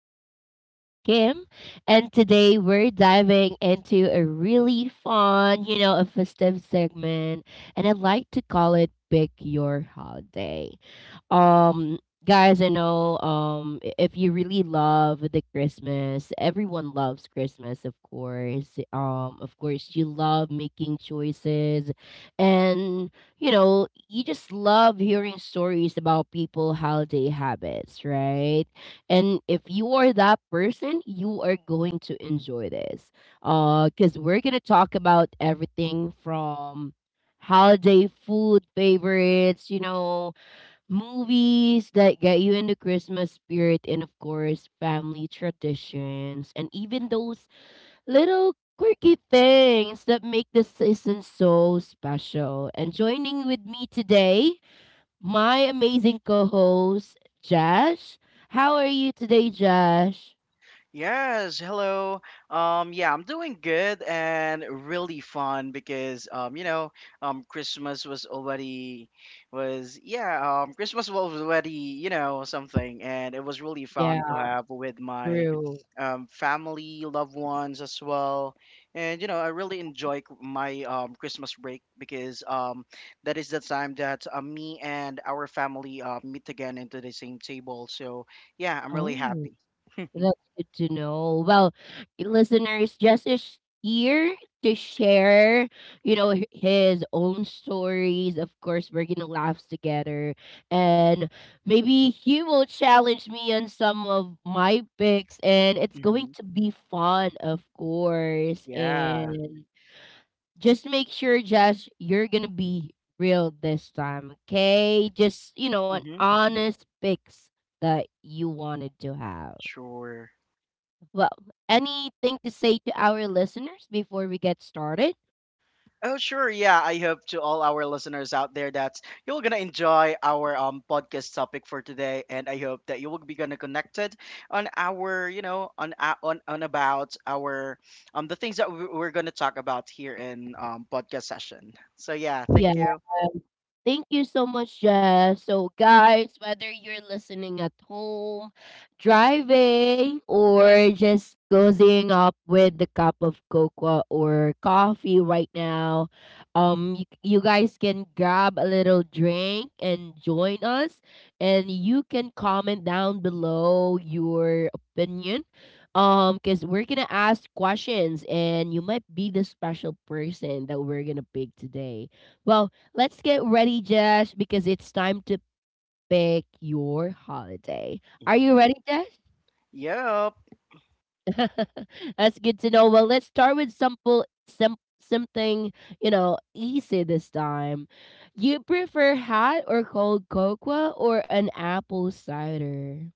your host, Kim, and today we're diving into a really fun, a festive segment, and I'd like to call it Pick Your Holiday. Um Guys, I know if you really love the Christmas, everyone loves Christmas, of course. Of course you love making choices and you just love hearing stories about people holiday habits, right? And if you are that person, you are going to enjoy this. Because we're gonna talk about everything from holiday food favorites, movies that get you into Christmas spirit, and of course, family traditions, and even those little quirky things that make the season so special. And joining with me today my amazing co host, Josh. How are you today, Josh? Yes, hello. Yeah, I'm doing good and really fun because Christmas was already Christmas was already you know something, and it was really fun to Yeah, have with my true. Family, loved ones as well, and you know, I really enjoy my Christmas break because that is the time that me and our family meet again into the same table. So yeah, I'm really Oh, happy. that's good to know. Well, listeners, Jess is here to share, his own stories. Of course, we're gonna laugh together, and maybe he will challenge me on some of my picks, and it's going Mm-hmm. to be fun, of course. Yeah. And just make sure, Josh, you're gonna be real this time, okay? Just an Hmm. honest fix that you wanted to have. Sure. Well, anything to say to our listeners before we get started? Oh, sure. Yeah. I hope to all our listeners out there that you're going to enjoy our podcast topic for today. And I hope that you will be going to connected on our, you know, on about our, the things that we're going to talk about here in podcast session. So, yeah. Thank you. Thank you so much, Jess. So, guys, whether you're listening at home, driving, or just cozying up with the cup of cocoa or coffee right now, you guys can grab a little drink and join us. And you can comment down below your opinion, because we're gonna ask questions, and you might be the special person that we're gonna pick today. Well, let's get ready, Josh, because it's time to pick your holiday. Are you ready, Josh? Yep. That's good to know. Well, let's start with simple, something easy this time. You prefer hot or cold cocoa or an apple cider?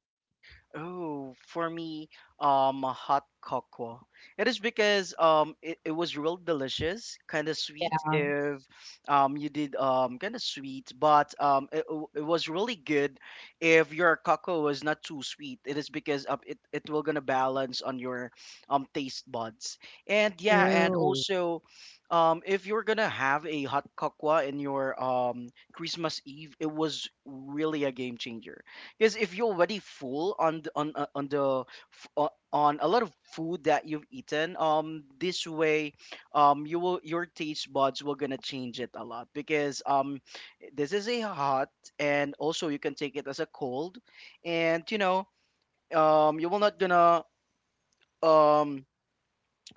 Oh, for me, a hot cocoa. It is because it was real delicious, kind of sweet. Yeah, If you did kind of sweet, but it was really good. If your cocoa was not too sweet, it is because of it will gonna balance on your taste buds. And yeah, and true. also, if you're gonna have a hot cocoa in your Christmas Eve, it was really a game changer because if you're already full on on the on a lot of food that you've eaten, this way, you will your taste buds will gonna change it a lot because this is a hot and also you can take it as a cold, and you know, you will not gonna um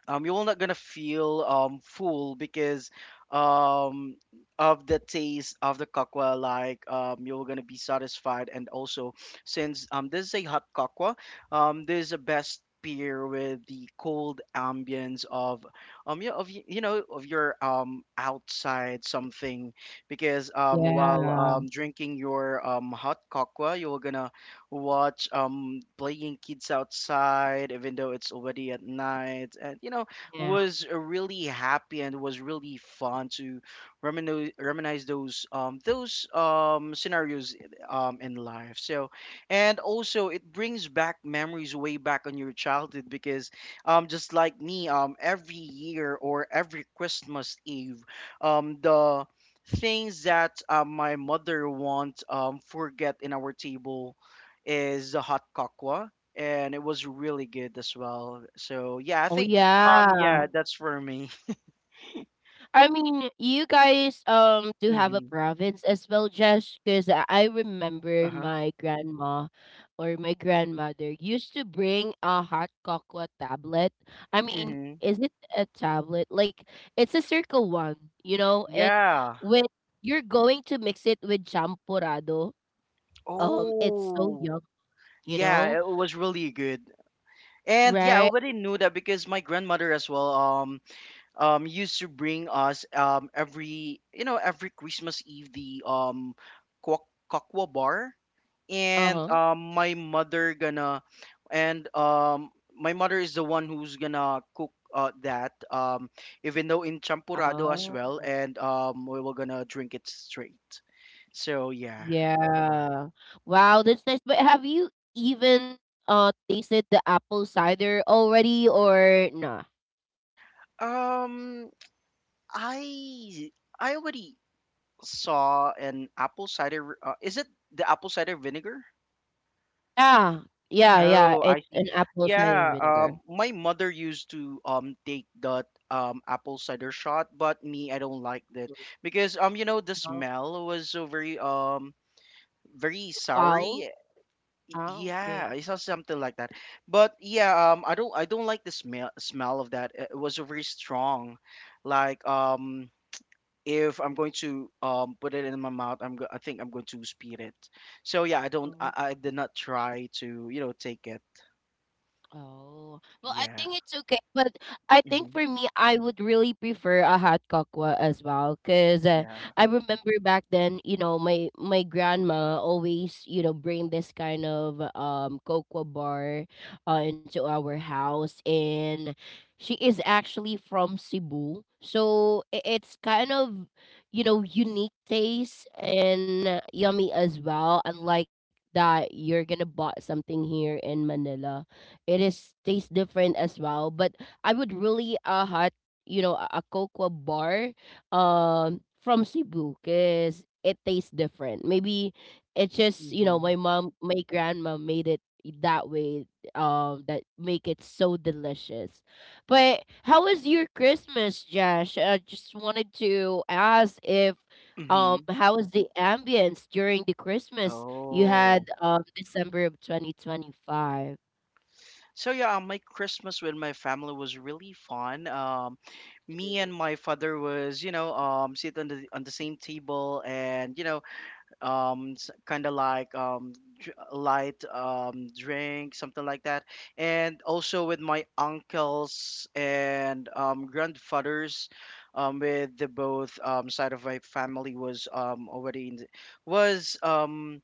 you will not gonna feel full because um of the taste of the cocoa like you're gonna be satisfied and also since this is a hot cocoa this is the best beer with the cold ambience of you know of your outside something because while Yeah. Drinking your hot cocoa you're gonna watch playing kids outside even though it's already at night and you know Yeah. was really happy and was really fun to reminisce those scenarios in life, so and also it brings back memories way back on your childhood because just like me every year or every Christmas Eve the things that my mother won't forget in our table is the hot kakwa, and it was really good as well. So yeah, I Oh think yeah. Yeah, that's for me. I mean, you guys do have a Hmm. province as well, Josh, because I remember Uh-huh. my grandma or my grandmother used to bring a hot cocoa tablet. I mean, Hmm. is it a tablet? Like it's a circle one, and Yeah. when you're going to mix it with champorado, it's so Oh, yum, you know, yeah, it was really good. And yeah, I right? already knew that because my grandmother as well used to bring us every you know every Christmas Eve the kakwa bar Uh and huh. And um my mother is the one who's gonna cook that even though in champurado as well, Oh. and we were gonna drink it straight, so yeah. Yeah. Wow, that's nice. But have you even tasted the apple cider already or nah? Um i i already saw an apple cider, is it the apple cider vinegar? Yeah, yeah, yeah. Oh, I It's see. an apple cider Yeah, vinegar. My mother used to take that apple cider shot, but me, I don't like that Mm, because you know, the uh, smell was so very very Wow. soury. Ah, okay. Yeah, it's not something like that. But yeah, I don't like the smell of that. It was so very strong. Like if I'm going to put it in my mouth, I think I'm going to spit it. So yeah, I don't Mm-hmm. I did not try to you know take it. Oh, well, I Yeah. think it's okay, but I think Mhm. for me, I would really prefer a hot cocoa as well, cause Yeah. I remember back then, you know, my grandma always, you know, bring this kind of cocoa bar, into our house, and she is actually from Cebu, so it's kind of, you know, unique taste and yummy as well, unlike that you're gonna bought something here in Manila. It is tastes different as well. But I would really hot a cocoa bar from Cebu because it tastes different. Maybe it's just Mhm. my mom my grandma made it that way that make it so delicious. But how was your Christmas, Josh? I just wanted to ask if Mhm. how was the ambience during the Christmas you had Oh. December of 2025? So yeah, my Christmas with my family was really fun. Me Mm. and my father was, you know, sit on the same table and you know, um, kind of like light drink something like that, and also with my uncles and grandfathers, with the both side of my family was was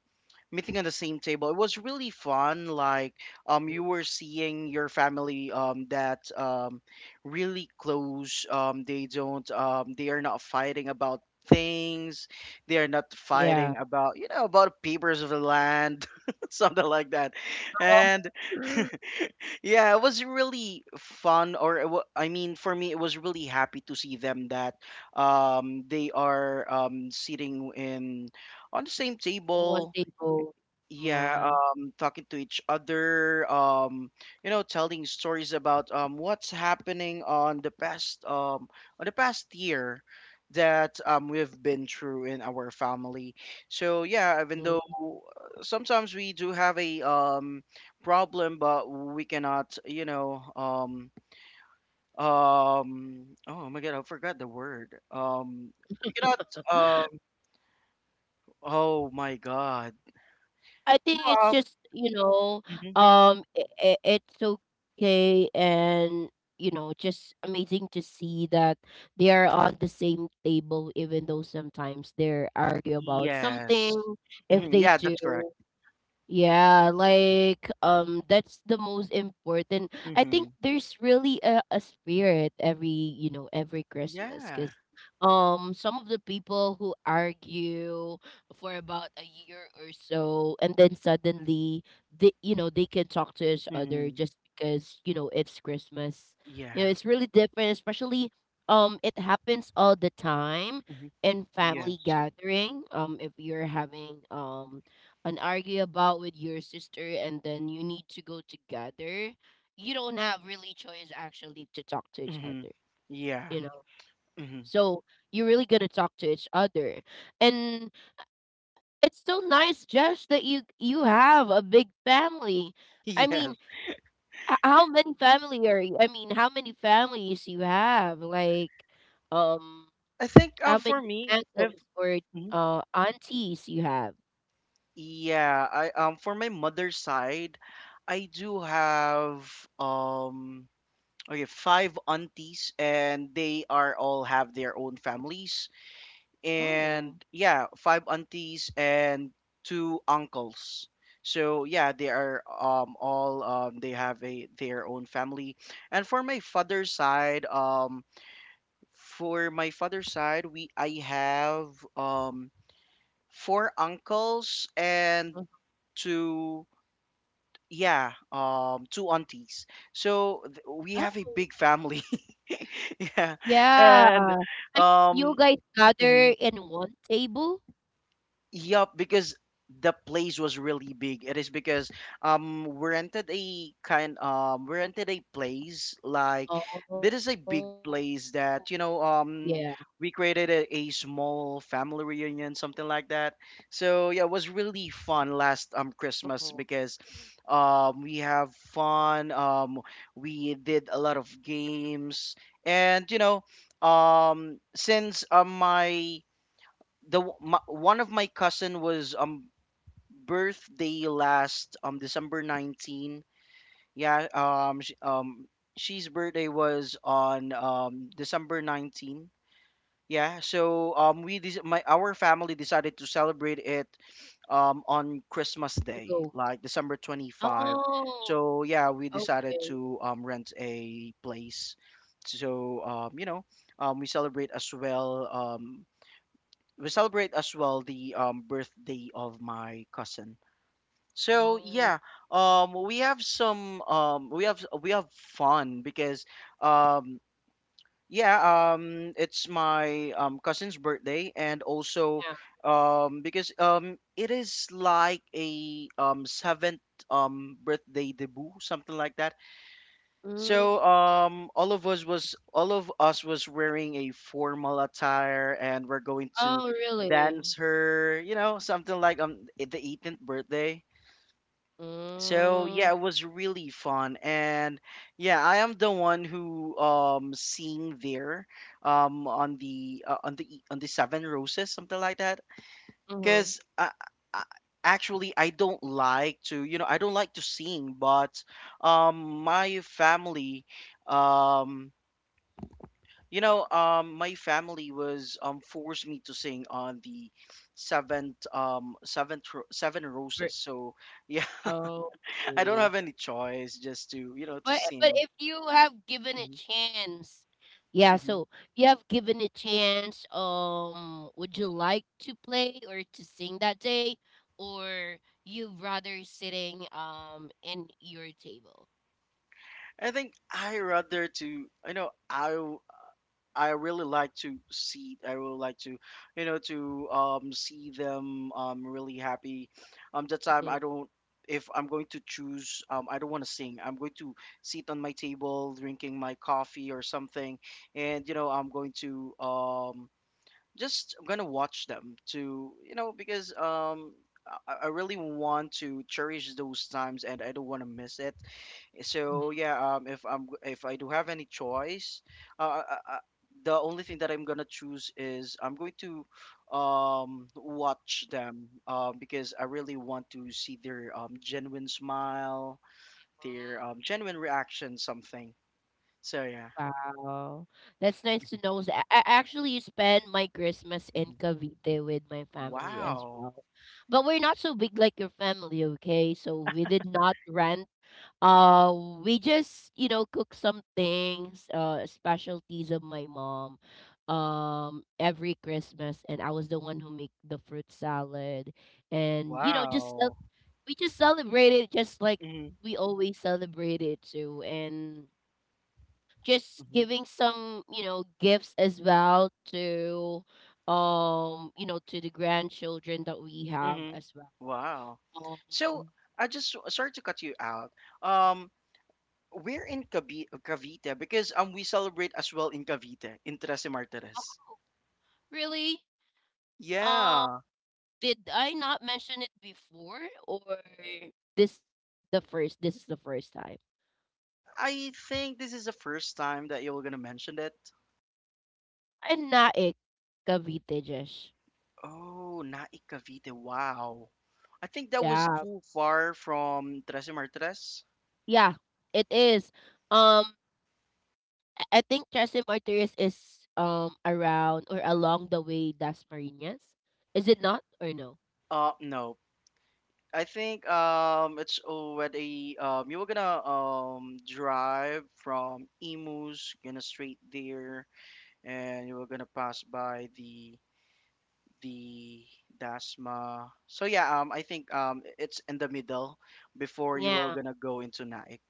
meeting on the same table. It was really fun. Like you were seeing your family that really close. They don't they are not fighting about things. They are not Yeah. fighting about you know about papers of the land, something like that. Well, And yeah, it was really fun. I mean, for me, it was really happy to see them that they are sitting in on the same one table, table. yeah, Yeah. Talking to each other, you know, telling stories about what's happening on the past year that we've been through in our family, so yeah. Even Mm. though sometimes we do have a problem, but we cannot you know oh my god, I forgot the word, we cannot um oh my god, I you think it's know, just, you know, um, it, it's okay. And, you know, just amazing to see that they are on the same table, even though sometimes they argue about yes. something, if Mhm, they yeah, that's correct. do. Yeah, like that's the most important. I think Mhm. there's really a spirit every, you know, every Christmas Yeah. cuz some of the people who argue for about a year or so and then suddenly they you know they can talk to each other Mhm. just because you know it's Christmas. You know, Yeah. it's really different especially it happens all the time Mhm. in family Yes. gathering if you're having and argue about with your sister and then you need to go together, you don't have really choice actually to talk to each Mhm. other, Yeah. you know. Mhm. So you really got to talk to each other. And it's so nice, Josh, that you have a big family. I mean, Yes. How many family are you? I mean, how many families you have? Like, um, I think how for many me, if uncles or mhm, aunties you have? yeah, I for my mother's side, I do have um okay, five aunties and they are all have their own families. And Oh, yeah, five aunties and two uncles. So yeah, they are all they have a their own family. And for my father's side, we I have four uncles and uh, two, yeah, two aunties, so we have a oh, big family. Yeah. yeah. And And um you guys mm-hmm. gather in one table? Yup, because the place was really big. It is because we rented a place Oh, like this is a big yeah. place that you know we created a small family reunion something like that. So yeah, it was really Mhm. fun last Christmas because we have fun, we did a lot of games, and you know since my, one of my cousin was birthday last December 19. Yeah, sh she's birthday was on December 19. Yeah, so my, our family decided to celebrate it on Christmas To Day, go. like December 25. Oh, So yeah, we decided okay. to rent a place. So you know, we celebrate as well. We celebrate as well the birthday of my cousin. So yeah, Oh, we have some we have fun because um, yeah, it's my cousin's birthday, and also yeah. Because it is like a seventh birthday debut, something like that. Mm. So all of us was wearing a formal attire, and we're going to Oh, really? dance her, you know, something like the 18th birthday. So yeah, it Mm. was really fun, and yeah, I am the one who sing there on the e- on the seven roses, something like that. Mm-hmm. Because uh, actually, I don't like to, you know, I don't like to sing, but my family, um, you know, my family was forced me to sing on the seven roses. So yeah, I don't Okay. have any choice just to you know to But sing. if you have given a Mhm, chance, yeah. mhm. So you have given a chance. Would you like to play or to sing that day, or you rather sitting in your table? I think I rather to you know I really like to see. I really like to, you know, to see them really happy. That time I Mhm, don't. If I'm going to choose, I don't want to sing. I'm going to sit on my table, drinking my coffee or something, and you know, I'm going to just gonna watch them to you know because I really want to cherish those times, and I don't want to miss it. mhm. So yeah, if I do have any choice, I, the only thing that I'm gonna choose is I'm going to watch them, because I really want to see their genuine smile, their genuine reaction, something. So yeah. Wow, that's nice to know. So I actually spend my Christmas in Mhm. Cavite with my family as Wow. well, but we're not so big like your family, okay? So we did not rent. Uh, we just, you know, cook some things, specialties of my mom, every Christmas, and I was the one who make the fruit salad, and you know, just Wow. we just celebrated just like Mm-hmm. we always celebrate it too, and just Mm-hmm. giving some, you know, gifts as well to, you know, to the grandchildren that we have Hmm. as Wow. well. So Um, I just sorry to cut you out. Um, we're in Cavite because we celebrate as well in Cavite in Tres Martires. Really. Yeah, Did I not mention it before or this the first this is the first time? I think this is the first time that you were gonna mention that. And Naik Cavite, Jesh. Oh, Nai Cavite. Wow. I think that was Yeah. too far from Tres Martires. Yeah, it is. Um I think Trasim Martires is around or along the way Dasmariñas. Is it not or no? No. I think it's already you were gonna drive from Imus, gonna straight there, and you were gonna pass by the Dasma. So yeah, I think it's in the middle before you were Yeah. gonna go into Naik.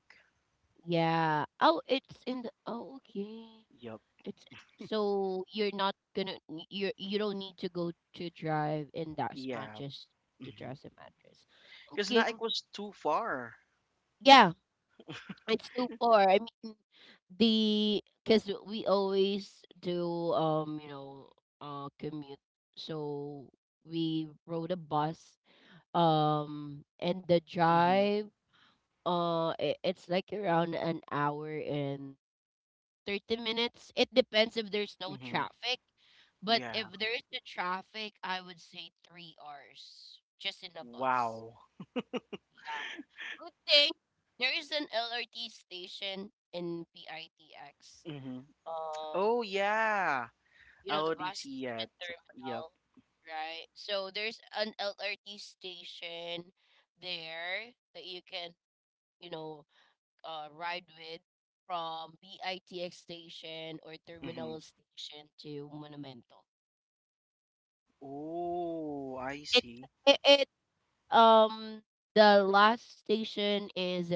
Yeah. Oh, it's in the Oh, okay. Yup. It's so you're not gonna you don't need to go to drive in that smart Yeah. just to Mm-hmm. trust the mattress. Because Okay, Naik was too far. yeah, it's too far. I mean, the because we always do you know commute, so we rode a bus and the Mm-hmm. drive it, it's like around an hour and 30 minutes. It depends if there's no Mm-hmm. traffic. But if Yeah. there is the traffic, I would say 3 hours just in the bus. Wow. Yeah. Good thing there is an LRT station in PITX. Mm-hmm. Um, Oh yeah. you I know, the already bus see station it. Yup. terminal, right? So there's an LRT station there that you can, you know, ride with from BITX station or Mm-hmm. terminal station to Monumento. Oh, I It, see. it um the last station is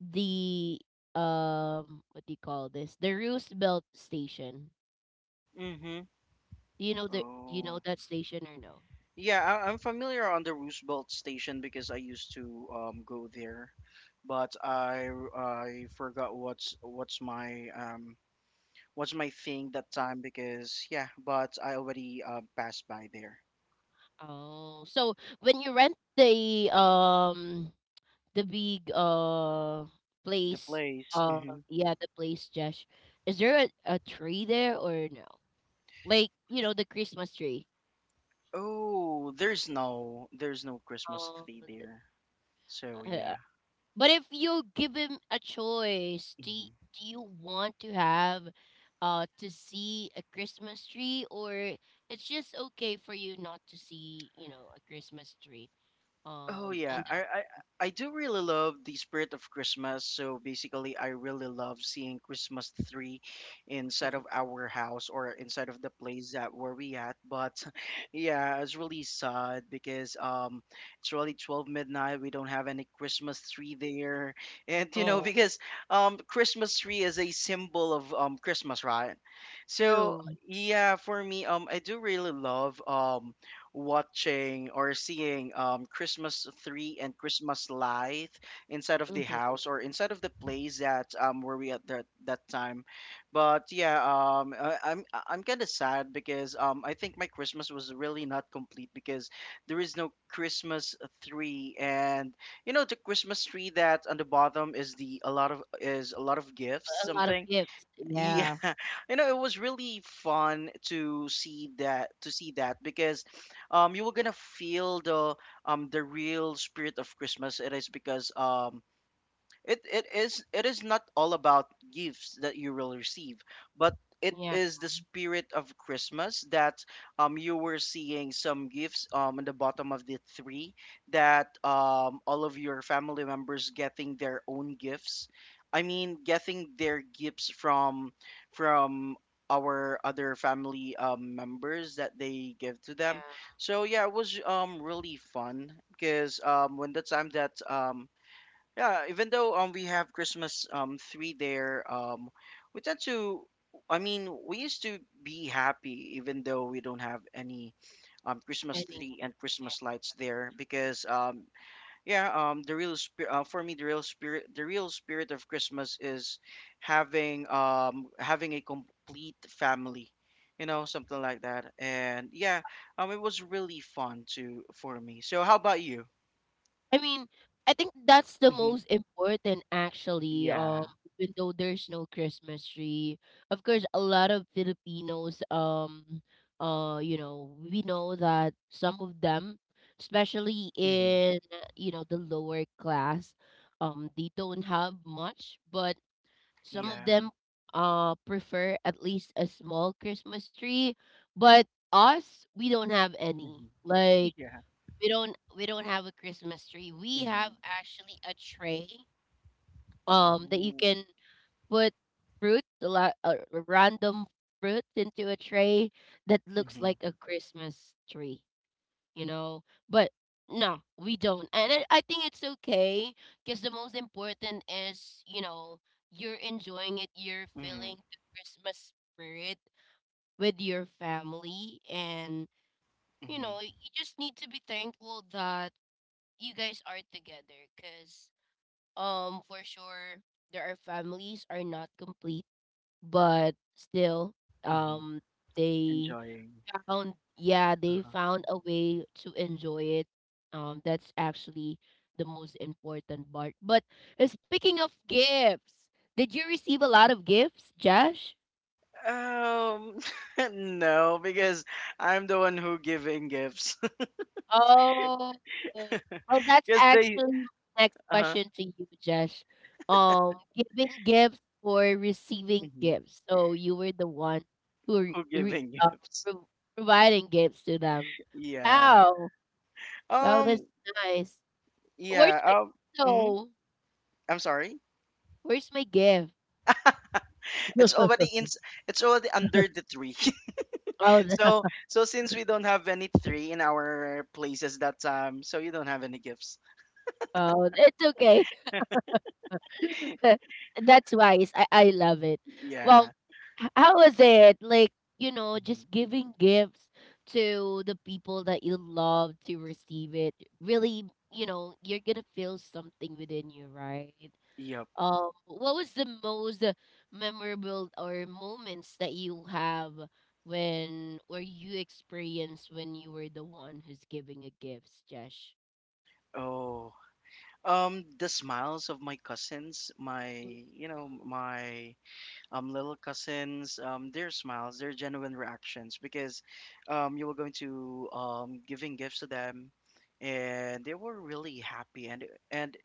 the what do you call this? The Roosevelt station. Mm-hmm. Do you know the do you know Oh. that station or no? Yeah, I, I'm familiar on the Roosevelt Station because I used to go there, but I forgot what's my thing that time because yeah, but I already passed by there. Oh, so when you rent the big The place place. uh yeah the place, Josh, is there a tree there or no? Like you know the Christmas tree. Oh, there's no Christmas Um, tree there. So uh, yeah. but if you give him a choice, do Mhm. do you want to have to see a Christmas tree or it's just okay for you not to see you know a Christmas tree? Oh yeah, And I, that, I I do really love the spirit of Christmas. So basically, I really love seeing Christmas tree inside mhm. of our house or inside of the place that where we at. But yeah, it's really sad because it's really twelve midnight. We don't have any Christmas tree there, and you know Oh, because Christmas tree is a symbol of Christmas, right? So true. yeah, for me, I do really love watching or seeing Christmas tree and Christmas Light inside of the Mm-hmm. house or inside of the place that where we at that time. But yeah, I, I'm kind of sad because I think my Christmas was really not complete because there is no Christmas tree and you know the Christmas tree that on the bottom is the a lot of is a lot of A gifts lot of something gifts. Yeah, yeah, you know, it was really fun to see that because you were gonna feel the real spirit of Christmas. It is because it is not all about gifts that you will receive but it yeah, is the spirit of Christmas that you were seeing some gifts in the bottom of the tree that all of your family members getting their own gifts. I mean getting their gifts from our other family members that they give to them. yeah. So yeah, it was really fun because when the time that yeah, even though we have Christmas three there, we tend to, I mean, we used to be happy even though we don't have any Christmas Any. tree and Christmas lights there because yeah, the real spirit for me the real spirit of Christmas is having a complete family. You know, something like that. And yeah, it was really fun to for me. So how about you? I mean, I think that's the hmm most important actually. Yeah. Even though there's no Christmas tree, of course, a lot of Filipinos, you know, we know that some of them, especially hmm in you know the lower class, they don't have much, but some of Yeah. them, prefer at least a small Christmas tree. But us, we don't have any. Mhm. Like Yeah. We don't have a Christmas tree. We have Mhm. actually a tray that you Oh. can put fruit, a lot random fruit into a tray that looks Mhm. like a Christmas tree, you know. But no, we don't. And I think it's okay because the most important is, you know, you're enjoying it, you're Mhm. feeling the Christmas spirit with your family and you Mhm. know, you just need to be thankful that you guys are together because for sure there are families are not complete but still Mhm. um they Enjoying. found yeah they Uh-huh. found a way to enjoy it that's actually the most important part but speaking of gifts did you receive a lot of gifts, Josh? Um, no, because I'm the one who giving gifts. Oh, well, that's Because they, actually my next uh-huh, question to you, Josh. Giving gifts or receiving Mhm. gifts. So you were the one who who giving gifts? pro- providing gifts to them. Yeah. Wow, wow, that's Um. nice. Where's Yeah. my Mhm, so? I'm sorry. Where's my gift? It's already in. It's already under the tree. Oh, So so since we don't have any tree in our places that time, so you don't have any gifts. oh, it's okay. That's wise. I love it. Well, Yeah. How was it? Like, you know, Mhm. just giving gifts to the people that you love to receive it. Really, you know, you're gonna feel something within you, right? Yep. What was the most memorable or moments that you have when or you experienced when you were the one who's giving a gifts, Jesh? Oh, the smiles of my cousins, my, Mm, you know, my little cousins, their smiles, their genuine reactions, because you were going to giving gifts to them, and they were really happy, and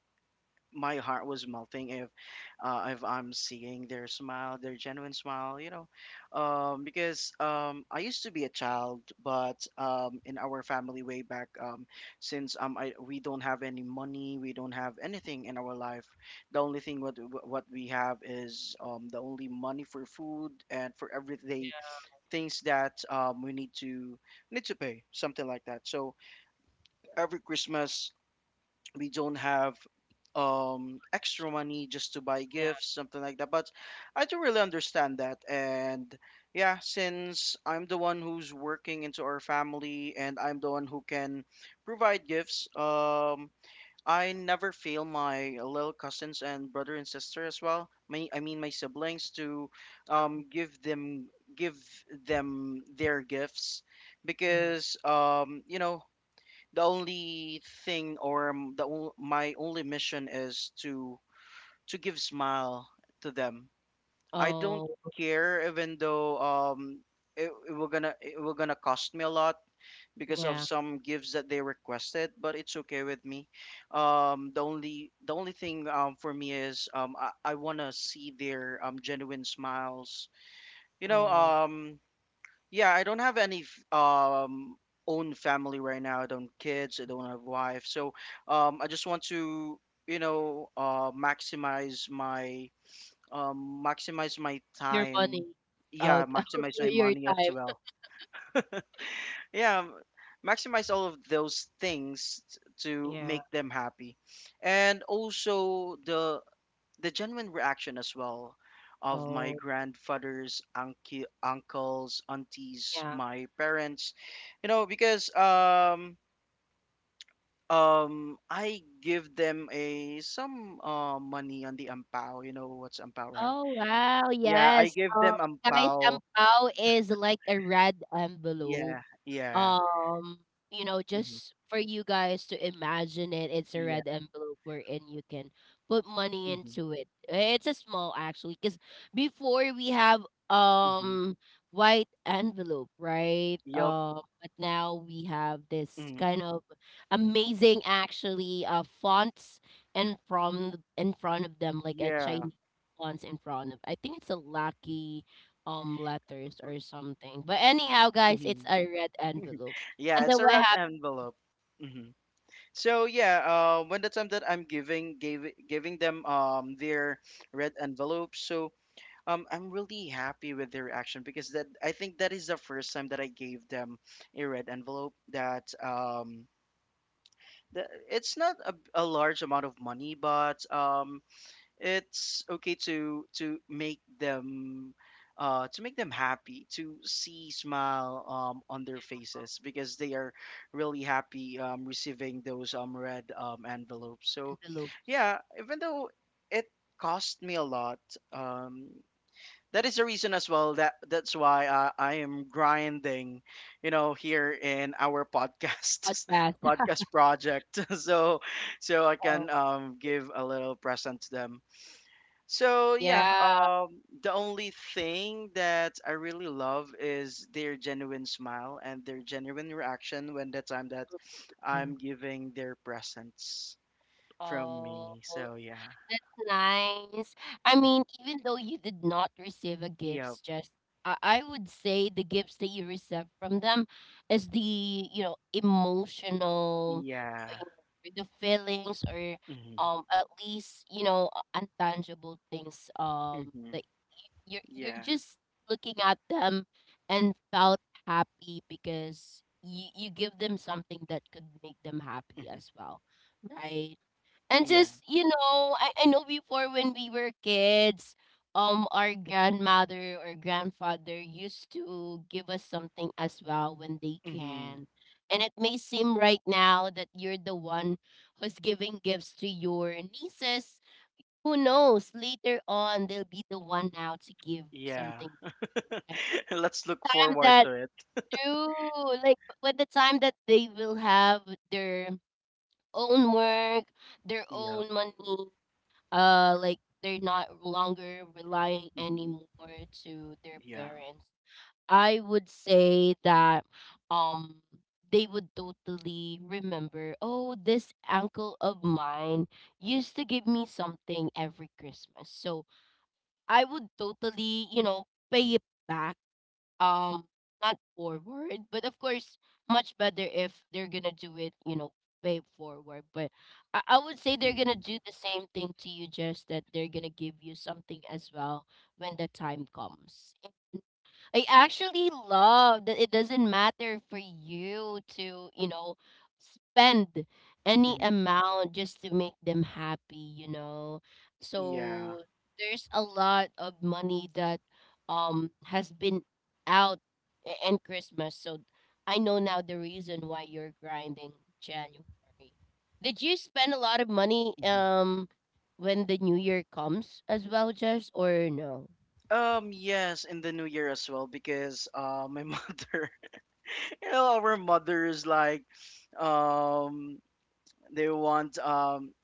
my heart was melting if I'm seeing their smile, their genuine smile, you know, because I used to be a child, but in our family way back, since I, we don't have any money, we don't have anything in our life. The only thing what we have is the only money for food and for everyday yeah. things that we need to need to pay, something like that. So every Christmas we don't have sh- extra money just to buy Yeah. gifts something like that but I do really understand that, and yeah since I'm the one who's working into our family and I'm the one who can provide gifts, I never fail my little cousins and brother and sister as well, my I mean my siblings, to Yeah. um give them give them their gifts because you know the only thing or m- the on- my only mission is to give smile to them. I don't Mhm. care even though it will gonna cost me a lot because of Yeah. some gifts that they requested, but it's okay with me. The only thing for me is I wanna see their genuine smiles. You know Oh. Yeah, I don't have any own family right now. I don't kids, I don't have wife. So I just want to, you know, maximize my Your money. time. Oh, Yeah, maximize okay, my your money as time. well. Yeah, maximize all of those things to Yeah. make them happy. And also the genuine reaction as well of my Oh. grandfather's uncle, uncles, aunties, Yeah. my parents, you know, because I give them a some money on the ampao, you know what's ampao, right? Oh wow, Yeah, I yes. give Um them guys, ang ampao. pao is like a red envelope. Yeah, yeah. um you know, hmm just for you guys to imagine it, it's a Yeah. red envelope wherein you can put money hmm into it. It's a small actually because before we have hmm um white envelope, right? Yup. But now we have this hmm kind of amazing actually fonts, and from in front of them like a Yeah. Chinese fonts in front of, I think it's a lucky letters or something. But anyhow, guys, it's hmm a red envelope. Yeah, And it's then a what red happened? envelope. Mm-hmm. So yeah, when the time that I'm giving gave giving them their red envelopes, so I'm really happy with their reaction because that I think that is the first time that I gave them a red envelope that it's not a large amount of money, but it's okay to make them happy to see smile on their faces because they are really happy receiving those red envelopes. So Envelopes? yeah, even though it cost me a lot, um that is the reason as well that that's why I am grinding, you know, here in our podcast Podcast. podcast project so so I can Oh give a little present to them. So yeah, yeah. The only thing that I really love is their genuine smile and their genuine reaction when the time that Mm. I'm giving their presents from Oh. me. So yeah, That's nice. I mean, even though you did not receive a gifts, yep, just I would say the gifts that you receive from them is the, you know, emotional, uh, yeah, you know, the feelings or hmm at least, you know, intangible things hmm that you're yeah, just looking at them and felt happy because you give them something that could make them happy hmm as well, right? And yeah, just, you know, I know before when we were kids, our grandmother or grandfather used to give us something as well when they hmm can. And it may seem right now that you're the one who's giving gifts to your nieces. Who knows? Later on, they'll be the one now to give yeah. something. Right? Let's look Time forward that to it. true, like by the time that they will have their own work, their Yep, own money, like they're not longer relying hmm anymore to their yeah, parents, I would say that um they would totally remember, oh, this uncle of mine used to give me something every Christmas, so I would totally, you know, pay it back, um not forward, but of course much better if they're gonna do it, you know, way forward. But I would say they're gonna hmm do the same thing to you, just that they're gonna give you something as well when the time comes. I actually love that it doesn't matter for you to, you know, spend any hmm amount just to make them happy, you know. yeah. So there's a lot of money that has been out a- and Christmas. So I know now the reason why you're grinding January. Did you spend a lot of money Mm-hmm. When the new year comes as well, Jess, or no? Yes, in the new year as well because my mother, you know, our mothers like um they want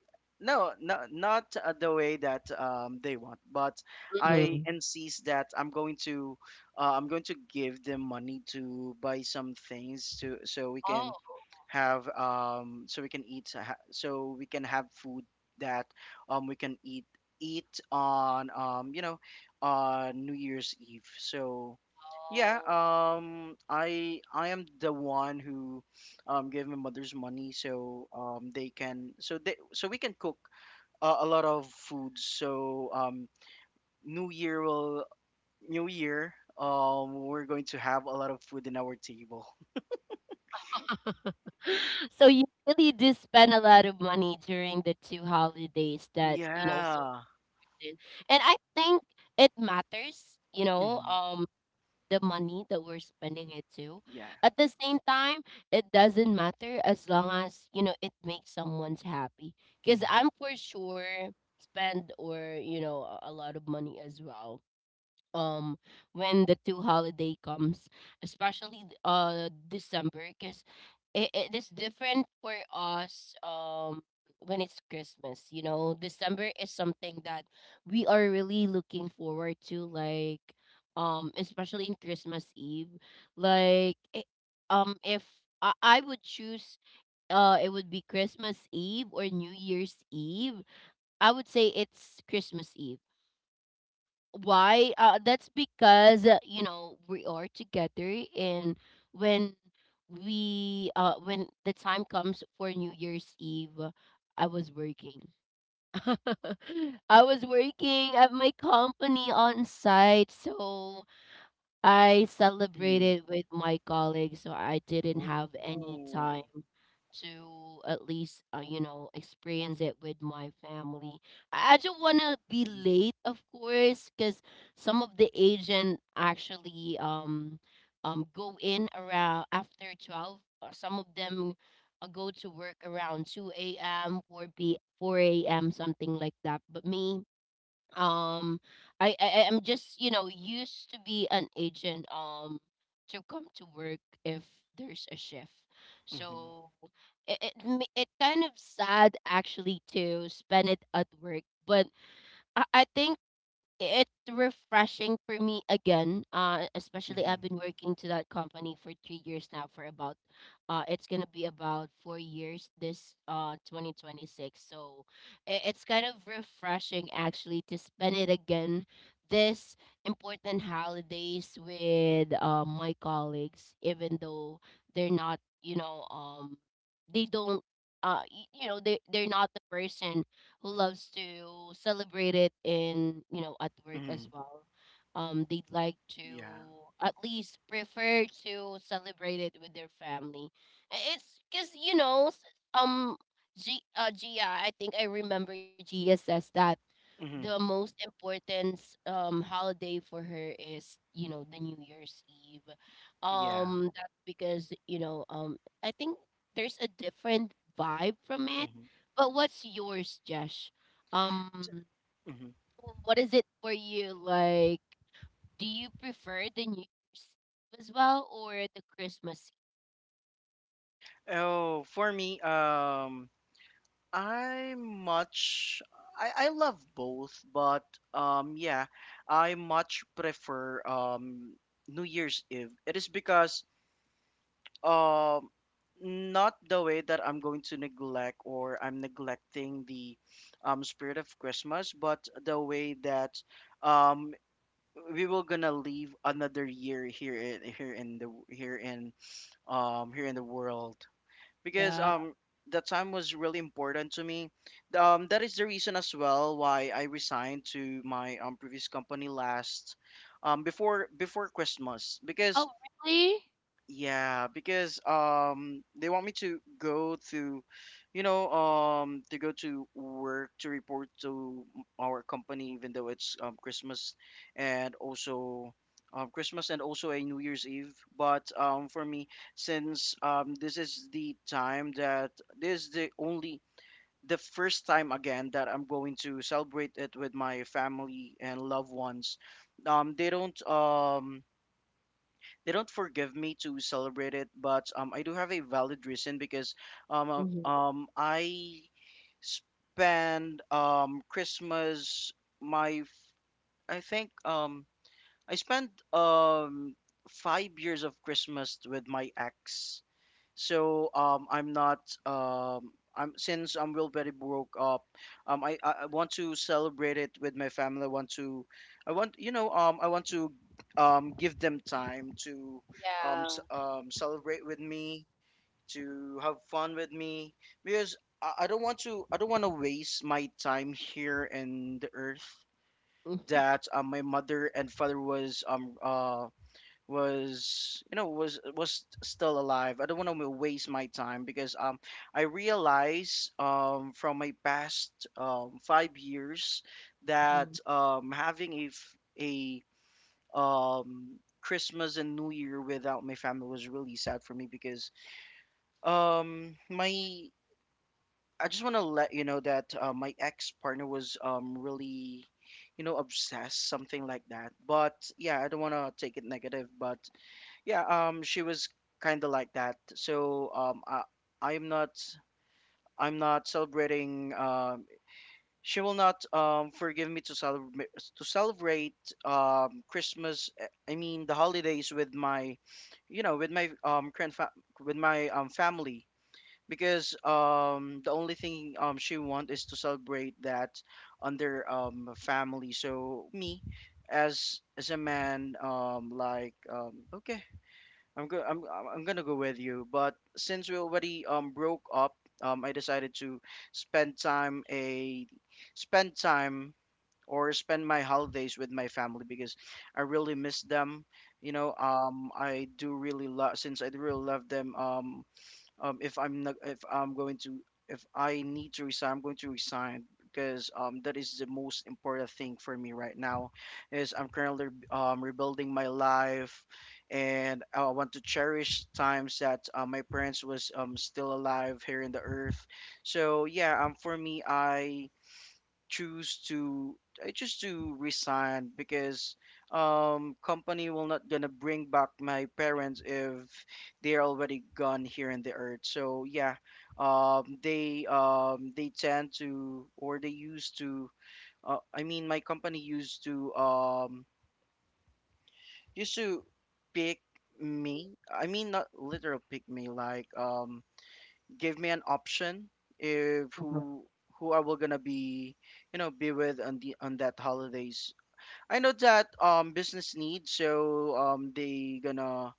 no, no not the way that they want, but I Mm-hmm. insist that I'm going to I'm going to give them money to buy some things to so we can Oh. have so we can eat so we can have food that we can eat eat on you know on New Year's Eve. So yeah, Oh. I am the one who give my mother's money so they can so they so we can cook a lot of foods. So New Year will New Year we're going to have a lot of food in our table. So you really do spend a lot of money during the two holidays that, you know, so Yeah. did. And I think it matters, you know, Mm-hmm. The money that we're spending it to. Yeah. At the same time, it doesn't matter as long as, you know, it makes someone's happy. Because Mm-hmm. I'm for sure spend or, you know, a lot of money as well um when the two holiday comes, especially th- December, because it is different for us when it's Christmas. You know, December is something that we are really looking forward to, like especially in Christmas Eve. Like it, if I would choose, it would be Christmas Eve or New Year's Eve, I would say it's Christmas Eve. Why? That's because, you know, we are together. And when we, when the time comes for New Year's Eve, I was working. I was working at my company on site, so I Mm-hmm. celebrated with my colleagues, so I didn't Oh. have any time to at least, you know, experience it with my family. I don't want to be late, of course, because some of the agent actually um, go in around after 12, or some of them, go to work around 2 a.m., 4 p 4 a.m., something like that. But me, um I'm just, you know, used to be an agent to come to work if there's a shift. Mm-hmm. So it, ma- it kind of sad actually to spend it at work. But I think it's refreshing for me again, especially Mm-hmm. I've been working to that company for 3 years now, for about, it's gonna be about 4 years this 2026. So I- it's kind of refreshing actually to spend it again, this important holidays with, my colleagues, even though they're not, you know, they don't, y- you know, they they're not the person loves to celebrate it in, you know, at work Mm-hmm. as well. They'd like Yeah. to at least prefer to celebrate it with their family. I- It's because, you know, s- um G Gia, I think I remember Gia says that the Mm-hmm. most important holiday for her is, you know, the New Year's Eve. Yeah. That's because, you know, I think there's a different vibe from it. Mm-hmm. But what's yours, Josh? um Mm-hmm. w- What is it for you? Like, do you prefer the New Year's Eve as well or the Christmas Eve? Oh, for me, I much I love both, but yeah, I much prefer New Year's Eve. It is because um not the way that I'm going to neglect or I'm neglecting the spirit of Christmas, but the way that um we will gonna leave another year here in here in the here in here in the world because Yeah. The time was really important to me. That is the reason as well why I resigned to my previous company last before Christmas because Oh, really? yeah, because they want me to go to, you know, to go to work to report to our company even though it's Christmas and also a New Year's Eve. But for me since this is the time that this is the only the first time again that I'm going to celebrate it with my family and loved ones. Um they don't um they don't forgive me to celebrate it, but I do have a valid reason because Hmm. I spend my f- I think I spent 5 years of Christmas with my ex. So I'm not um, I'm since I'm will very broke up. I want to celebrate it with my family. I want to, I want you know I want to give them time to Yeah. Celebrate with me, to have fun with me, because I don't want to waste my time here in the earth that my mother and father was you know was still alive. I don't want to waste my time because I realize from my past 5 years that having a Christmas and New Year without my family was really sad for me because my I just want to let you know that my ex partner was really you know obsessed something like that but yeah I don't want to take it negative but yeah, she was kind of like that. So, I'm not, I'm not celebrating. She will not forgive me to celebrate Christmas. The holidays with my, you know, with my current fa- with my family, because the only thing she want is to celebrate that under family. So me, as a man, okay, I'm gonna go with you, but since we already broke up, I decided to spend time a spend time or spend my holidays with my family because I really miss them. I do really love them. If I'm not, if I'm going to If I need to resign, I'm going to resign because that is the most important thing for me right now. Is I'm currently rebuilding my life, and I want to cherish times that my parents was still alive here in the earth. So yeah, for me, choose to I choose to resign because company will not gonna bring back my parents if they're already gone here in the earth. So yeah, they used to, I mean my company used to used to pick me. I mean not literal pick me, like give me an option if Mhm. Who I will gonna be, be with on the on that holidays. I know that business needs, so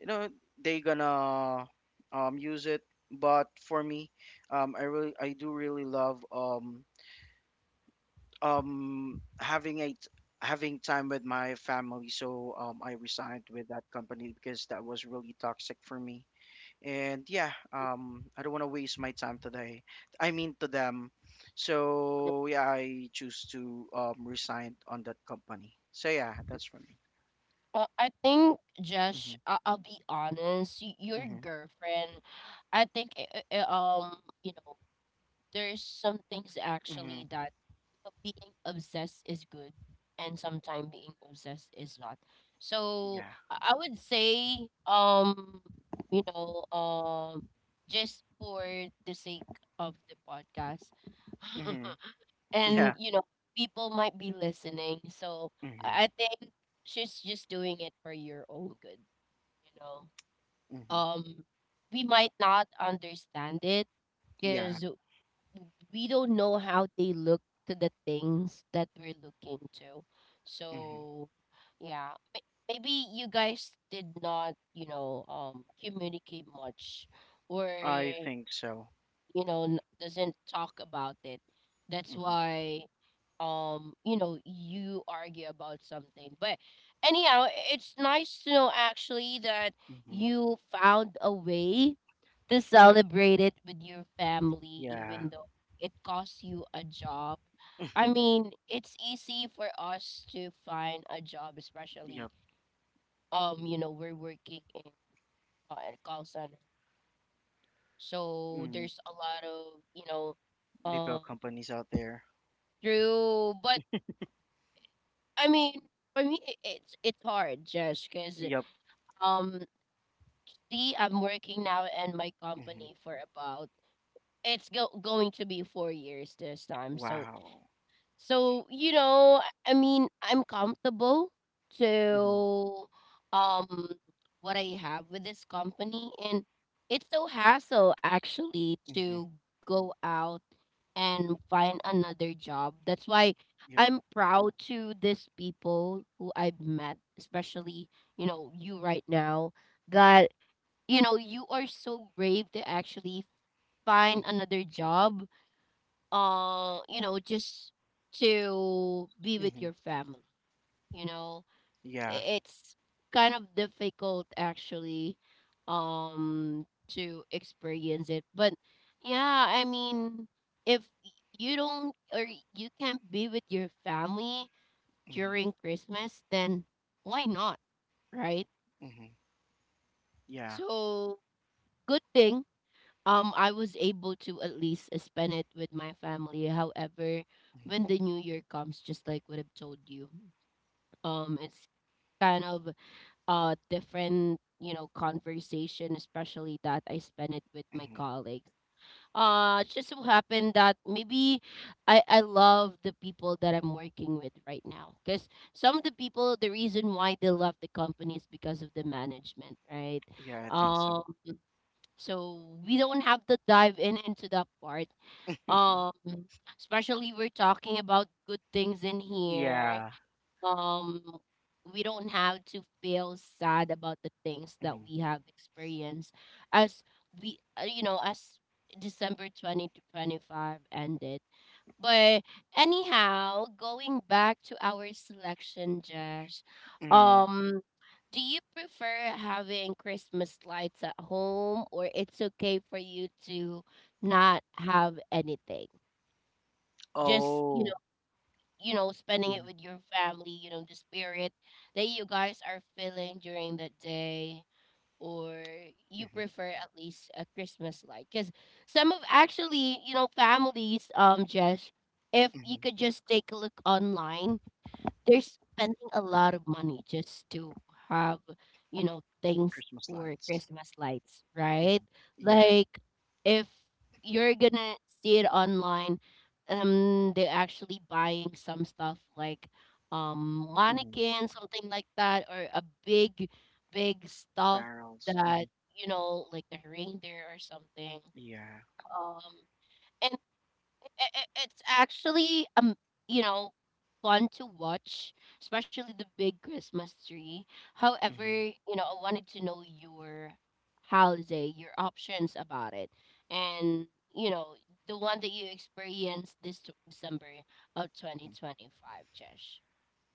you know they gonna use it. But for me, I do really love having having time with my family, so I resigned with that company because that was really toxic for me. And yeah, I don't want to waste my time today, I mean to them. So yeah, I choose to resign on that company. So yeah, that's for me. Well, I think, Mm-hmm. Josh, I'll be honest. Y- Your Mm-hmm. girlfriend, I think, you know, there's some things Mm-hmm. actually that, you know, being obsessed is good, and sometimes being obsessed is not. So Yeah. I would say, you know, just for the sake of the podcast, Mm-hmm. and Yeah. you know people might be listening. So Mm-hmm. I think she's just doing it for your own good, you know. Mm-hmm. Um, we might not understand it Yeah. because we don't know how they look to the things that we're looking to. Mm-hmm. So yeah, may- maybe you guys did not, you know, communicate much, or, I think so. you know, n- doesn't talk about it. That's Mm-hmm. why, you know, you argue about something. But anyhow, I- it's nice to know actually that Mm-hmm. you found a way to celebrate it with your family, Yeah. even though it costs you a job. I mean, it's easy for us to find a job, especially Yep. You know, we're working in, at call center, so Mm. there's a lot of, you know, People um. companies out there. True, but I mean, for me, I- it's hard, Josh, because Yep. um, see, I'm working now in my Mm-hmm. company for about, it's go going to be 4 years this time. So, Wow. so, you know, I mean, I'm comfortable Mm-hmm. to, um what I have with this company, and it's so hassle actually Mm-hmm. to go out and find another job. That's why Yep. I'm proud to these people who I've met, especially, you know, you right now that, you know, you are so brave to actually find Mm-hmm. another job, you know, just to be with Mm-hmm. your family, you know. Yeah. I- It's kind of difficult actually to experience it. But yeah, I mean, if y- you don't or y- you can't be with your family Mm-hmm. during Christmas, then why not, right? Mm-hmm. Yeah. So, good thing I was able to at least, spend it with my family. However, when the new year comes, just like what I've told you, it's kind of, different, you know, conversation, especially that I spend it with my Hmm. colleagues. Uh, it just so happened that maybe I love the people that I'm working with right now, because some of the people, the reason why they left the company is because of the management, right? Yeah, I think so. Um, so we don't have to dive in into that part. Um, especially we're talking about good things in here. Yeah. Um, we don't have to feel sad about the things that Hmm. we have experienced as we, you know, as December 2025 ended. But anyhow, going back to our selection, Josh, Hmm. um, do you prefer having Christmas lights at home, or it's okay for you to not have anything? Just Oh. You know, spending it Hmm. with your family. You know, the spirit that you guys are feeling during the day, or you Hmm. prefer at least a Christmas light? Because some of actually, you know, families, Jess, if you Hmm. could just take a look online, they're spending a lot of money just to have, you know, things Christmas for lights. Christmas lights, right? Hmm. Yeah. Like if you're gonna see it online, they're actually buying some stuff like Hmm. mannequin, something like that, or a big big stuff Barrels. Hmm. that, you know, like the reindeer or something. Yeah. Um, and I it's actually you know, fun to watch, especially the big Christmas tree. However, hmm you know, I wanted to know your holiday, your options about it, and you know, the one that you experienced this t- December of 2025, Jesh.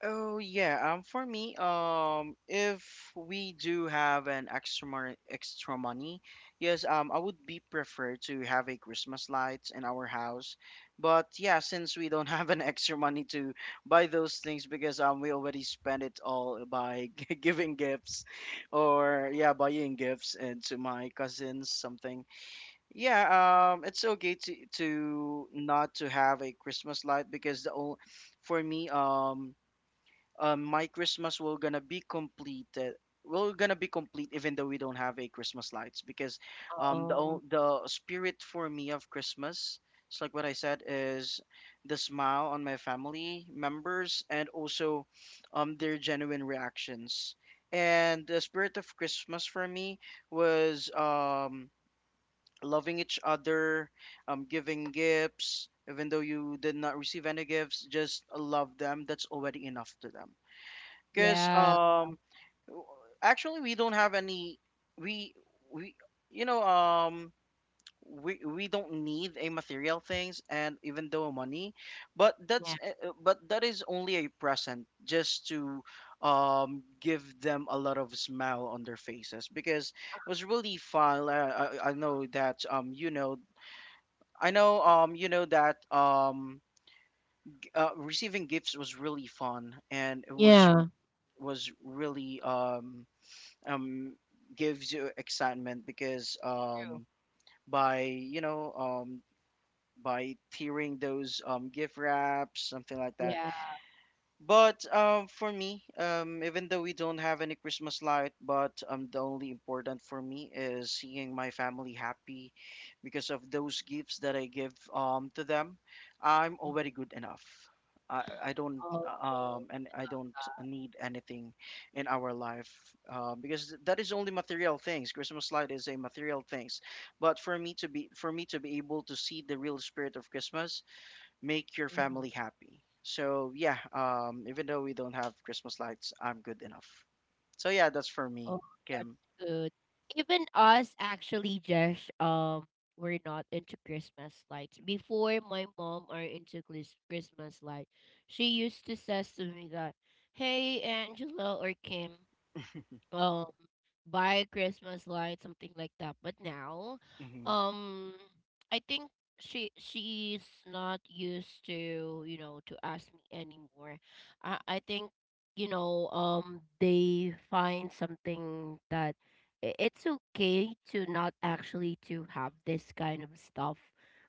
Oh yeah, for me, if we do have extra money, yes, I would be prefer to have a Christmas lights in our house. But yeah, since we don't have an extra money to buy those things because we already spent it all by giving gifts or yeah, buying gifts and to my cousins something. Yeah, it's okay to not to have a Christmas light, because the only for me, my Christmas will gonna be completed. Will gonna be complete even though we don't have a Christmas lights, because Oh, the spirit for me of Christmas, it's like what I said, is the smile on my family members, and also their genuine reactions. And the spirit of Christmas for me was loving each other, giving gifts, even though you did not receive any gifts, just love them. That's already enough to them, because yeah, w- actually we don't have any, we we you know we don't need a material things, and even though money but that's yeah, but that is only a present just to give them a lot of smile on their faces, because it was really fun. I know that receiving gifts was really fun, and it yeah. was really um gives you excitement, because True. By, by tearing those gift wraps something like that. Yeah. But for me, even though we don't have any Christmas light, but the only important for me is seeing my family happy because of those gifts that I give, to them. I'm already good enough. I, I don't Oh, I don't need anything in our life, because that is only material things. Christmas light is a material things, but for me to be able to see the real spirit of Christmas, make your mhm. family happy. So yeah, even though we don't have Christmas lights, I'm good enough. So yeah, that's for Oh, me, that's Kim. good. Even us actually, Josh, we're not into Christmas lights. Before, my mom are into Chris- Christmas light, she used to says to me that, "Hey, Angela or Kim, um, buy Christmas lights," something like that. But now, Hmm. um, I think she she's not used to, you know, to ask me anymore. I think, you know, they find something that I- it's okay to not actually to have this kind of stuff.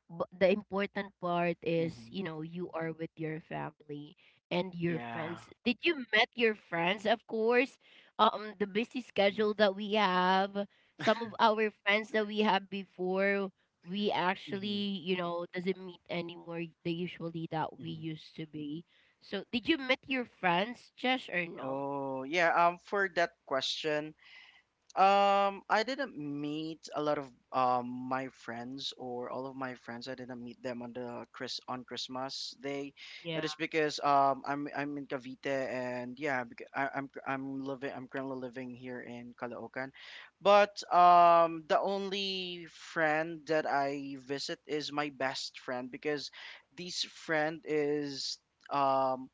But the important part is, Hmm. you know, you are with your family and your Yeah. friends. Did you met your friends, of course? The busy Hmm. schedule that we have, some of our friends that we had before, we Hmm. actually, you know, doesn't meet anymore the usually that we Hmm. used to be. So did you meet your friends, Josh, or no? Oh yeah. For that question, I didn't meet a lot of my friends or all of my friends. I didn't meet them on the Chris on Christmas Day. Yeah. It is because I'm in Cavite, and yeah, I'm currently living here in Caloocan, but the only friend that I visit is my best friend, because this friend is um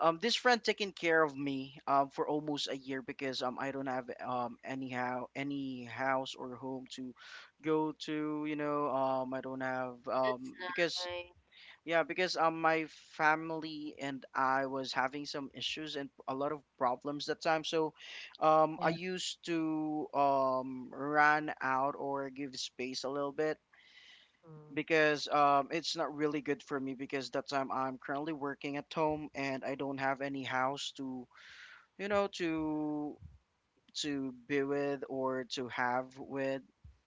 this friend taking care of me for almost a year, because I don't have, anyhow, any house or home to go to, I don't have That's because nice. Yeah, because my family and I was having some issues and a lot of problems that time, so I Yeah. used to run out or give space a little bit, Mm. because it's not really good for me, because that time I'm currently working at home, and I don't have any house to, you know to be with or to have with,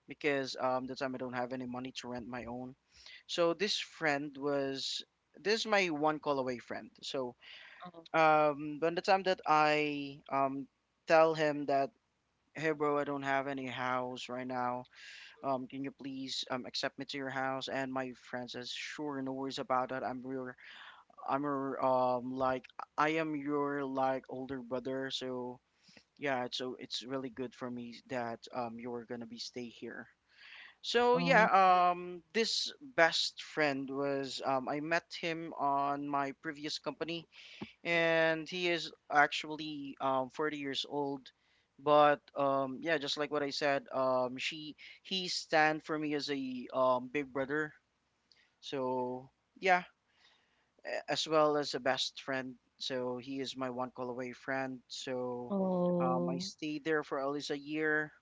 because the time I don't have any money to rent my own. So this friend was this is my one call away friend. So Oh. When the time that I tell him that, hey bro, I don't have any house right now, can you please accept me to your house? And my friend says, sure, no worries about that, I'm your, I am your, like, older brother. So yeah, so it's really good for me that you were gonna be stay here. So yeah, Oh. This best friend was, I met him on my previous company, Mm. and he is actually 40 years old. But yeah, just like what I said, she he stand for me as a big brother. So yeah, as well as a best friend. So he is my one call away friend. So I Oh. stayed there for at least a year.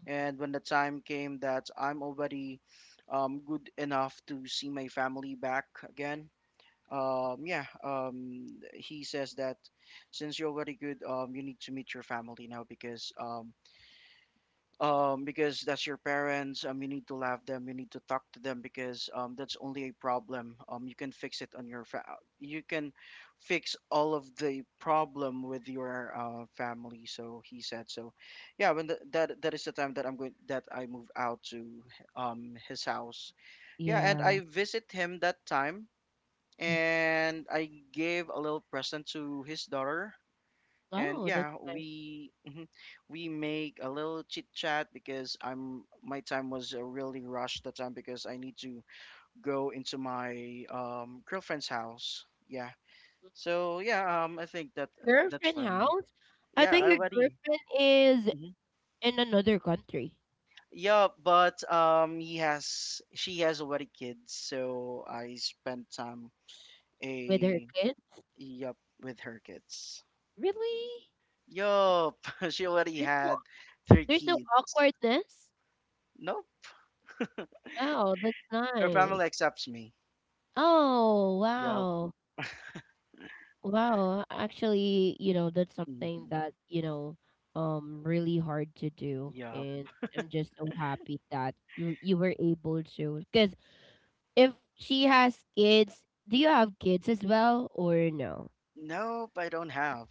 Mhm. And when the time came that I'm already, good enough to see my family back again, yeah, he says that, since you're already good, you need to meet your family now, because that's your parents. You need to love them. You need to talk to them, because that's only a problem. You can fix it on your fa- you can fix all of the problem with your, family. So he said. So yeah, that is the time that I'm going that I move out to, his house. Yeah, and Yeah. I visit him that time, Mm. and I gave a little present to his daughter, and Oh, that's yeah, nice. we we make a little chit chat, because I'm my time was, really rushed that time, because I need to go into my, girlfriend's house, yeah. Mm. So yeah, I think that that's Girlfriend for me. house? I Yeah, thought I your already. girlfriend is Hmm. in another country. Yeah, but he has she has already kids, so I spent time With her a kid. yup, with her kids. Really? Yup. She already There's no had three there's no kids. awkwardness? No. Wow, that's Her family nice. accepts me. Oh, Yup. wow. Wow, actually, you know, that's something Hmm. that, you know, really hard to do. Yup. And I'm just so happy that you were able to, cuz if she has kids, do you have kids as well or no? Nope, I don't have.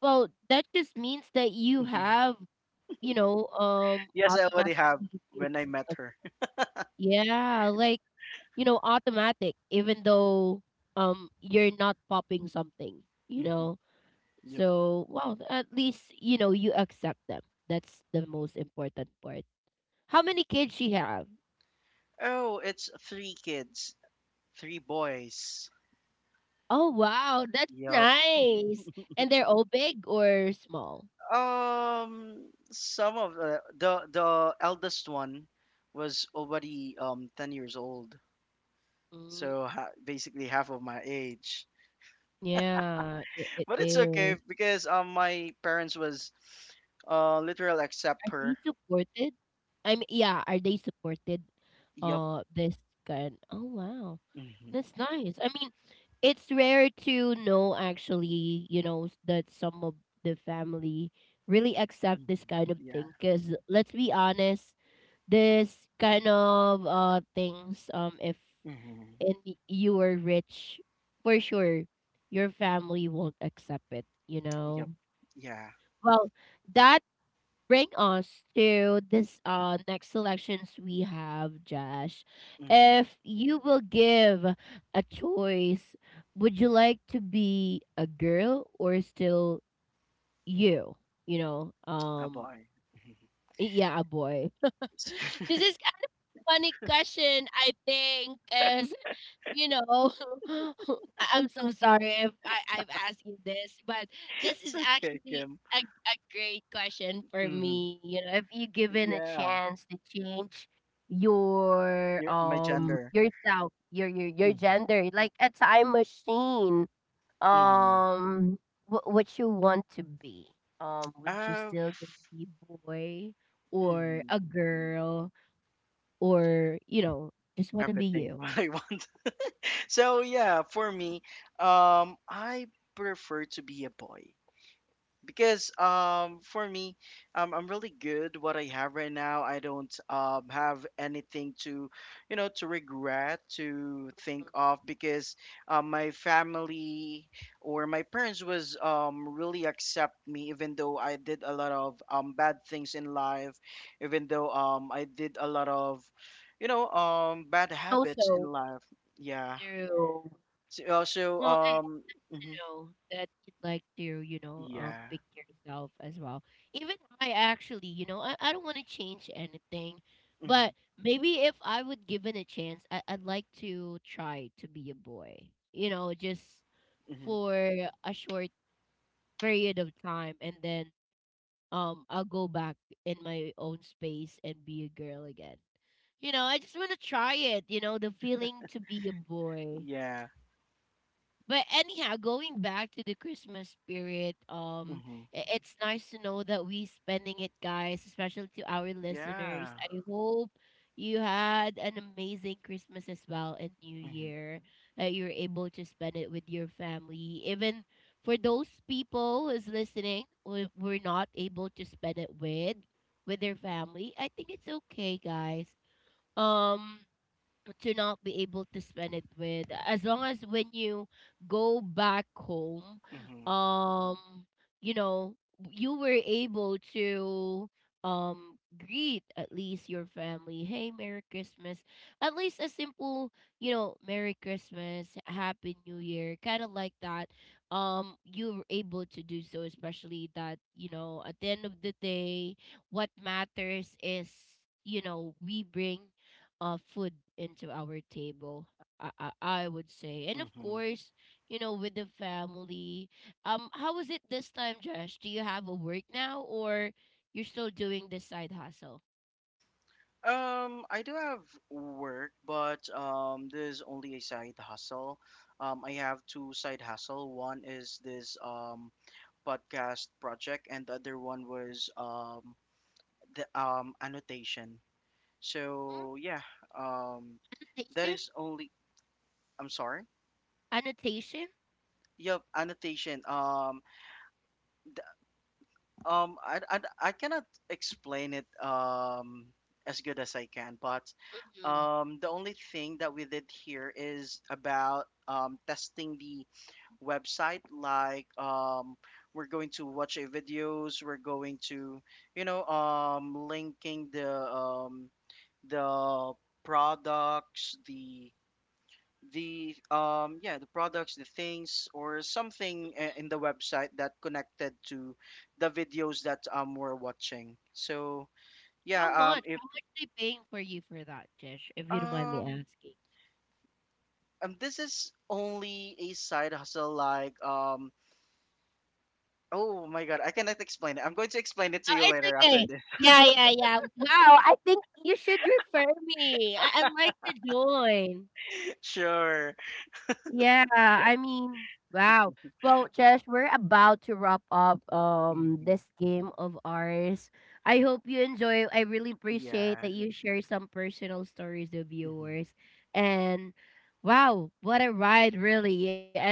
Well, that just means that you Hmm. have, you know, Yes, I already have automatically kids. when I met her. Yeah, like, you know, automatic, even though you're not popping something, you Hmm. know. Yep. So, well, at least you know you accept them. That's the most important part. How many kids she have? Oh, it's three kids, three boys. Oh, wow, that's Yup. nice. And they're all big or small? Um, some of the eldest one was already 10 years old, Mm, so ha, basically half of my age. yeah, it But it's okay, is. because my parents was, literal accept Are they her. supported? I mean, yeah, are they supported? Yup. This kind. Oh wow, Mm-hmm. that's nice. I mean, it's rare to know actually, you know, that some of the family really accept this Mhm. kind of Yeah. thing. Cause let's be honest, this kind of things, if Hmm. and you were rich, for sure, your family won't accept it. You Yep. know, Yeah. well, that bring us to this next selections we have, Josh. Hmm. If you will give a choice, would you like to be a girl or still you? You know, A boy. Mhm. yeah, a boy. This is kind of funny question, I think, you know, I'm so sorry if I've asked you this, but this It's is okay, actually Kim. A great question for Hmm. me. You know, if you given a Yeah. chance to change your You're my gender. yourself, your Hmm. gender, like a time machine, Hmm. um, what you want to be? Would you Of. still be boy or Mhm. a girl, or, you know, just want to be Everything you? what I want. So yeah, for me, I prefer to be a boy, because for me, I'm really good what I have right now. I don't have anything to, regret, to think of, because my family or my parents was really accept me, even though I did a lot of bad things in life, even though I did a lot of, bad So habits in so life. Yeah, through, so also, well, I mhm, know that you'd like to, you know, yeah. picture yourself as well. Even I actually, you know, I don't want to change anything, Hmm. but maybe if I would given a chance, I'd like to try to be a boy, you know, just Hmm. for a short period of time, and then I'll go back in my own space and be a girl again. You know, I just want to try it, you know, the feeling to be a boy. Yeah. But anyhow, going back to the Christmas spirit, Hmm. It's nice to know that we spending it, guys, especially to our listeners. Yeah. I hope you had an amazing Christmas as well and New Mhm. Year. You're able to spend it with your family. Even for those people who's listening, who were not able to spend it with their family, I think it's okay, guys. Um, to not be able to spend it with, as long as when you go back home, Mhm. um you know, you were able to um greet at least your family, hey, Merry Christmas, at least a simple, you know, Merry Christmas, Happy New Year, kind of like that, you were able to do so, especially that, you know, at the end of the day, what matters is, you know, we bring food into our table, I I would say, and of Mhm. course, you know, with the family. How was it this time, Josh? Do you have a work now, or you're still doing this side hustle? I do have work, but this is only a side hustle. I have two side hustle. One is this podcast project, and the other one was the annotation. Mm, So yeah, um, that annotation. is only. I'm sorry. Annotation. Yep, annotation. I cannot explain it as good as I can, but Mm-hmm. The only thing that we did here is about, testing the website. Like, we're going to watch a videos. We're going to, linking the products, the products, the things or something, in the website that connected to the videos that we're watching. So How yeah, much, if how much they paying for you for that, Josh, if you don't mind me um asking? and this is only a side hustle, oh my god, I cannot explain it. I'm going to explain it to Oh, you it's later after okay. this. Yeah, yeah, yeah, wow, I think you should refer me. I'd like to join. Sure. Yeah, I mean, wow. Well, Josh, we're about to wrap up Hmm. this game of ours. I hope you enjoy. I really appreciate Yeah. that you share some personal stories with Hmm. viewers. And wow, what a ride, really. And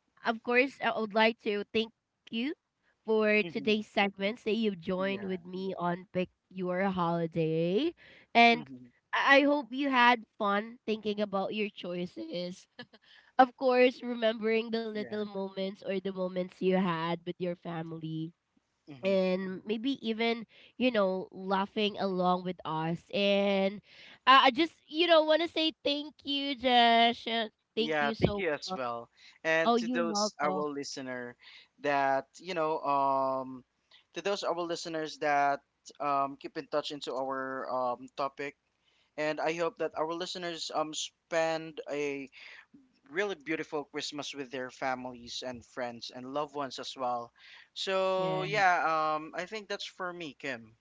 of course, I would like to thank you for Hmm. today's segments that you've joined Yeah. with me on Pick Your Holiday. And Hmm. I hope you had fun thinking about your choices, of course, remembering the little Yeah. moments or the moments you had with your family. Hmm. And maybe even, you know, laughing along with us. And I just, you know, want to say thank you, Josh. Thank Yeah, you thank so you as much. well. And Oh, to you're those our welcome. listener that, you know, to those our listeners that keep in touch into our topic, and I hope that our listeners spend a really beautiful Christmas with their families and friends and loved ones as well. So Yeah. yeah, I think that's for me, Kim.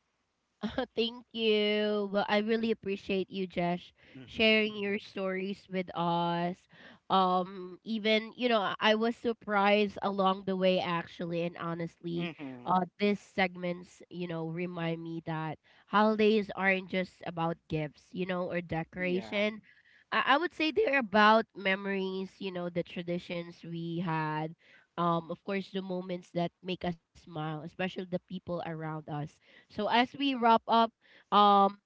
Thank you. Well, I really appreciate you, Jesh, Mhm. sharing your stories with us. Even, you know, I was surprised along the way, actually, and honestly, Mhm. These segments, you know, remind me that holidays aren't just about gifts, you know, or Yeah. decoration. I would say they're about memories, you know, the traditions we had. Of course, the moments that make us smile, especially the people around us. So as we wrap up, um,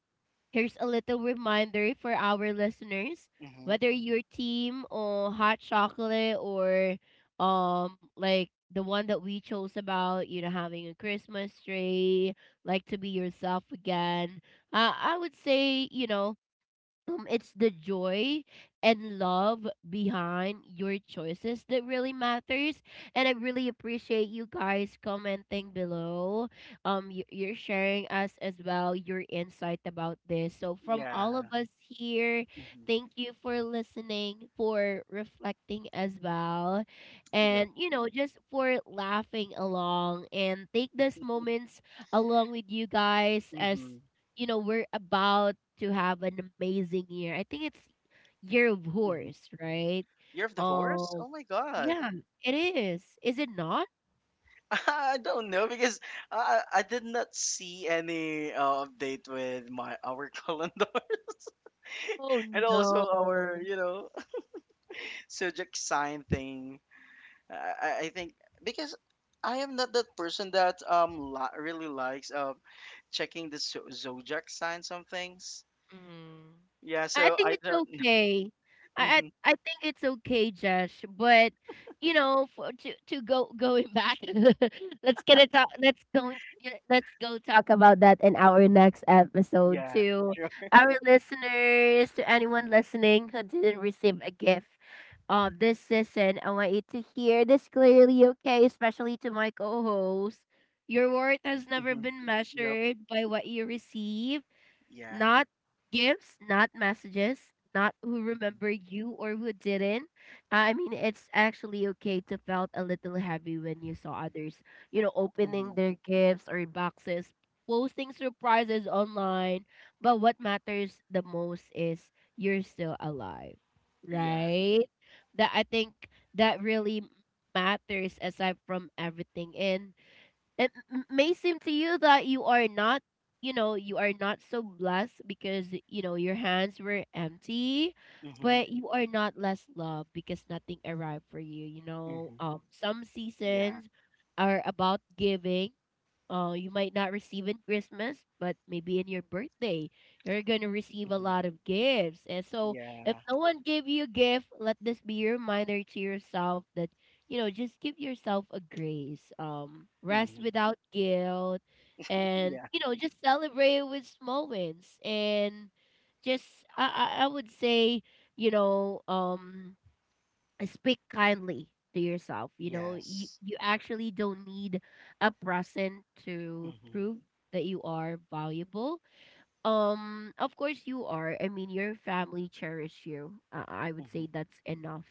here's a little reminder for our listeners. Mhm. Whether you're team or hot chocolate, or like the one that we chose about, you know, having a Christmas tree, like to be yourself again. I would say, you know, it's the joy and love behind your choices that really matters. And I really appreciate you guys commenting below, you're sharing us as well your insight about this. So from all of Yeah. us here, Mhm. thank you for listening, for reflecting as well, Yep. and you know, just for laughing along and take these moments along with you guys. As Mhm. you know, we're about to have an amazing year. I think it's year of Mhm. horse, right? Year of the Horse? Um, Oh my god. yeah, it is. Is it not? I don't know, because I did not see any, update with my our calendars Oh and also our, no. Subject sign thing. I think, because I am not that person that really likes checking the zodiac sign some things. Mm. Yeah, I so I think it's don't. okay. I, Hmm. I I think it's okay, Josh. But you know, for, to go going back, let's get it talk. Let's go. Yeah, let's go talk about that in our next episode. Yeah, To sure. our listeners, to anyone listening who didn't receive a gift, this season, I want you to hear this clearly. Okay, especially to my co-host. Your worth has never Hmm. been Yep. measured by what you receive, Yeah. not gifts, not messages, not who remembered you or who didn't. I mean, it's actually okay to felt a little heavy when you saw others, you know, opening Hmm. their gifts or boxes, posting surprises online. But what matters the most is you're still alive, Yeah. right? That I think that really matters aside from everything. And it may seem to you that you are not, you know, you are not so blessed because, you know, your hands were empty, Hmm. but you are not less loved because nothing arrived for you. You know, Hmm. Some Yeah. seasons are about giving. Uh, you might not receive in Christmas, but maybe in your birthday, you're gonna receive a Hmm. lot of gifts. And so, if Yeah. no one gave you a gift, let this be your reminder to yourself that, you know, just give yourself a grace. Rest Hmm. without guilt, and Yeah. you know, just celebrate with small wins. And just, I would say, you know, speak kindly to yourself. You know, Yes. you actually don't need a present to Hmm. prove that you are valuable. Of course you are. I mean, your family cherish you. I would Hmm. say that's enough.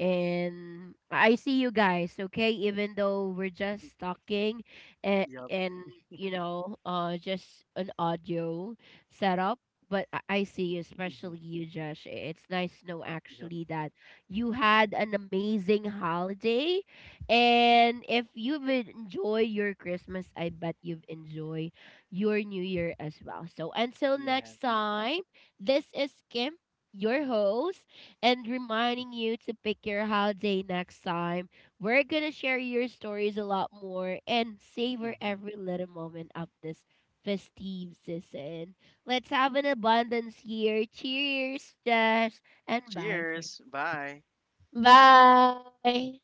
And I see you guys, okay? Even though we're just talking and Yep. and you know, just an audio setup, but I see you, Hmm. especially you, Josh. It's nice to know Yep. actually that you had an amazing holiday. And if you've enjoyed your Christmas, I bet you've enjoyed your new year as well. So until Yeah. next time, this is Kim, your host, and reminding you to pick your holiday next time. We're going to share your stories a lot more and savor Hmm. every little moment of this festive season. Let's have an abundance year. Cheers, Jess, and bye for Cheers. Bye. now. Bye.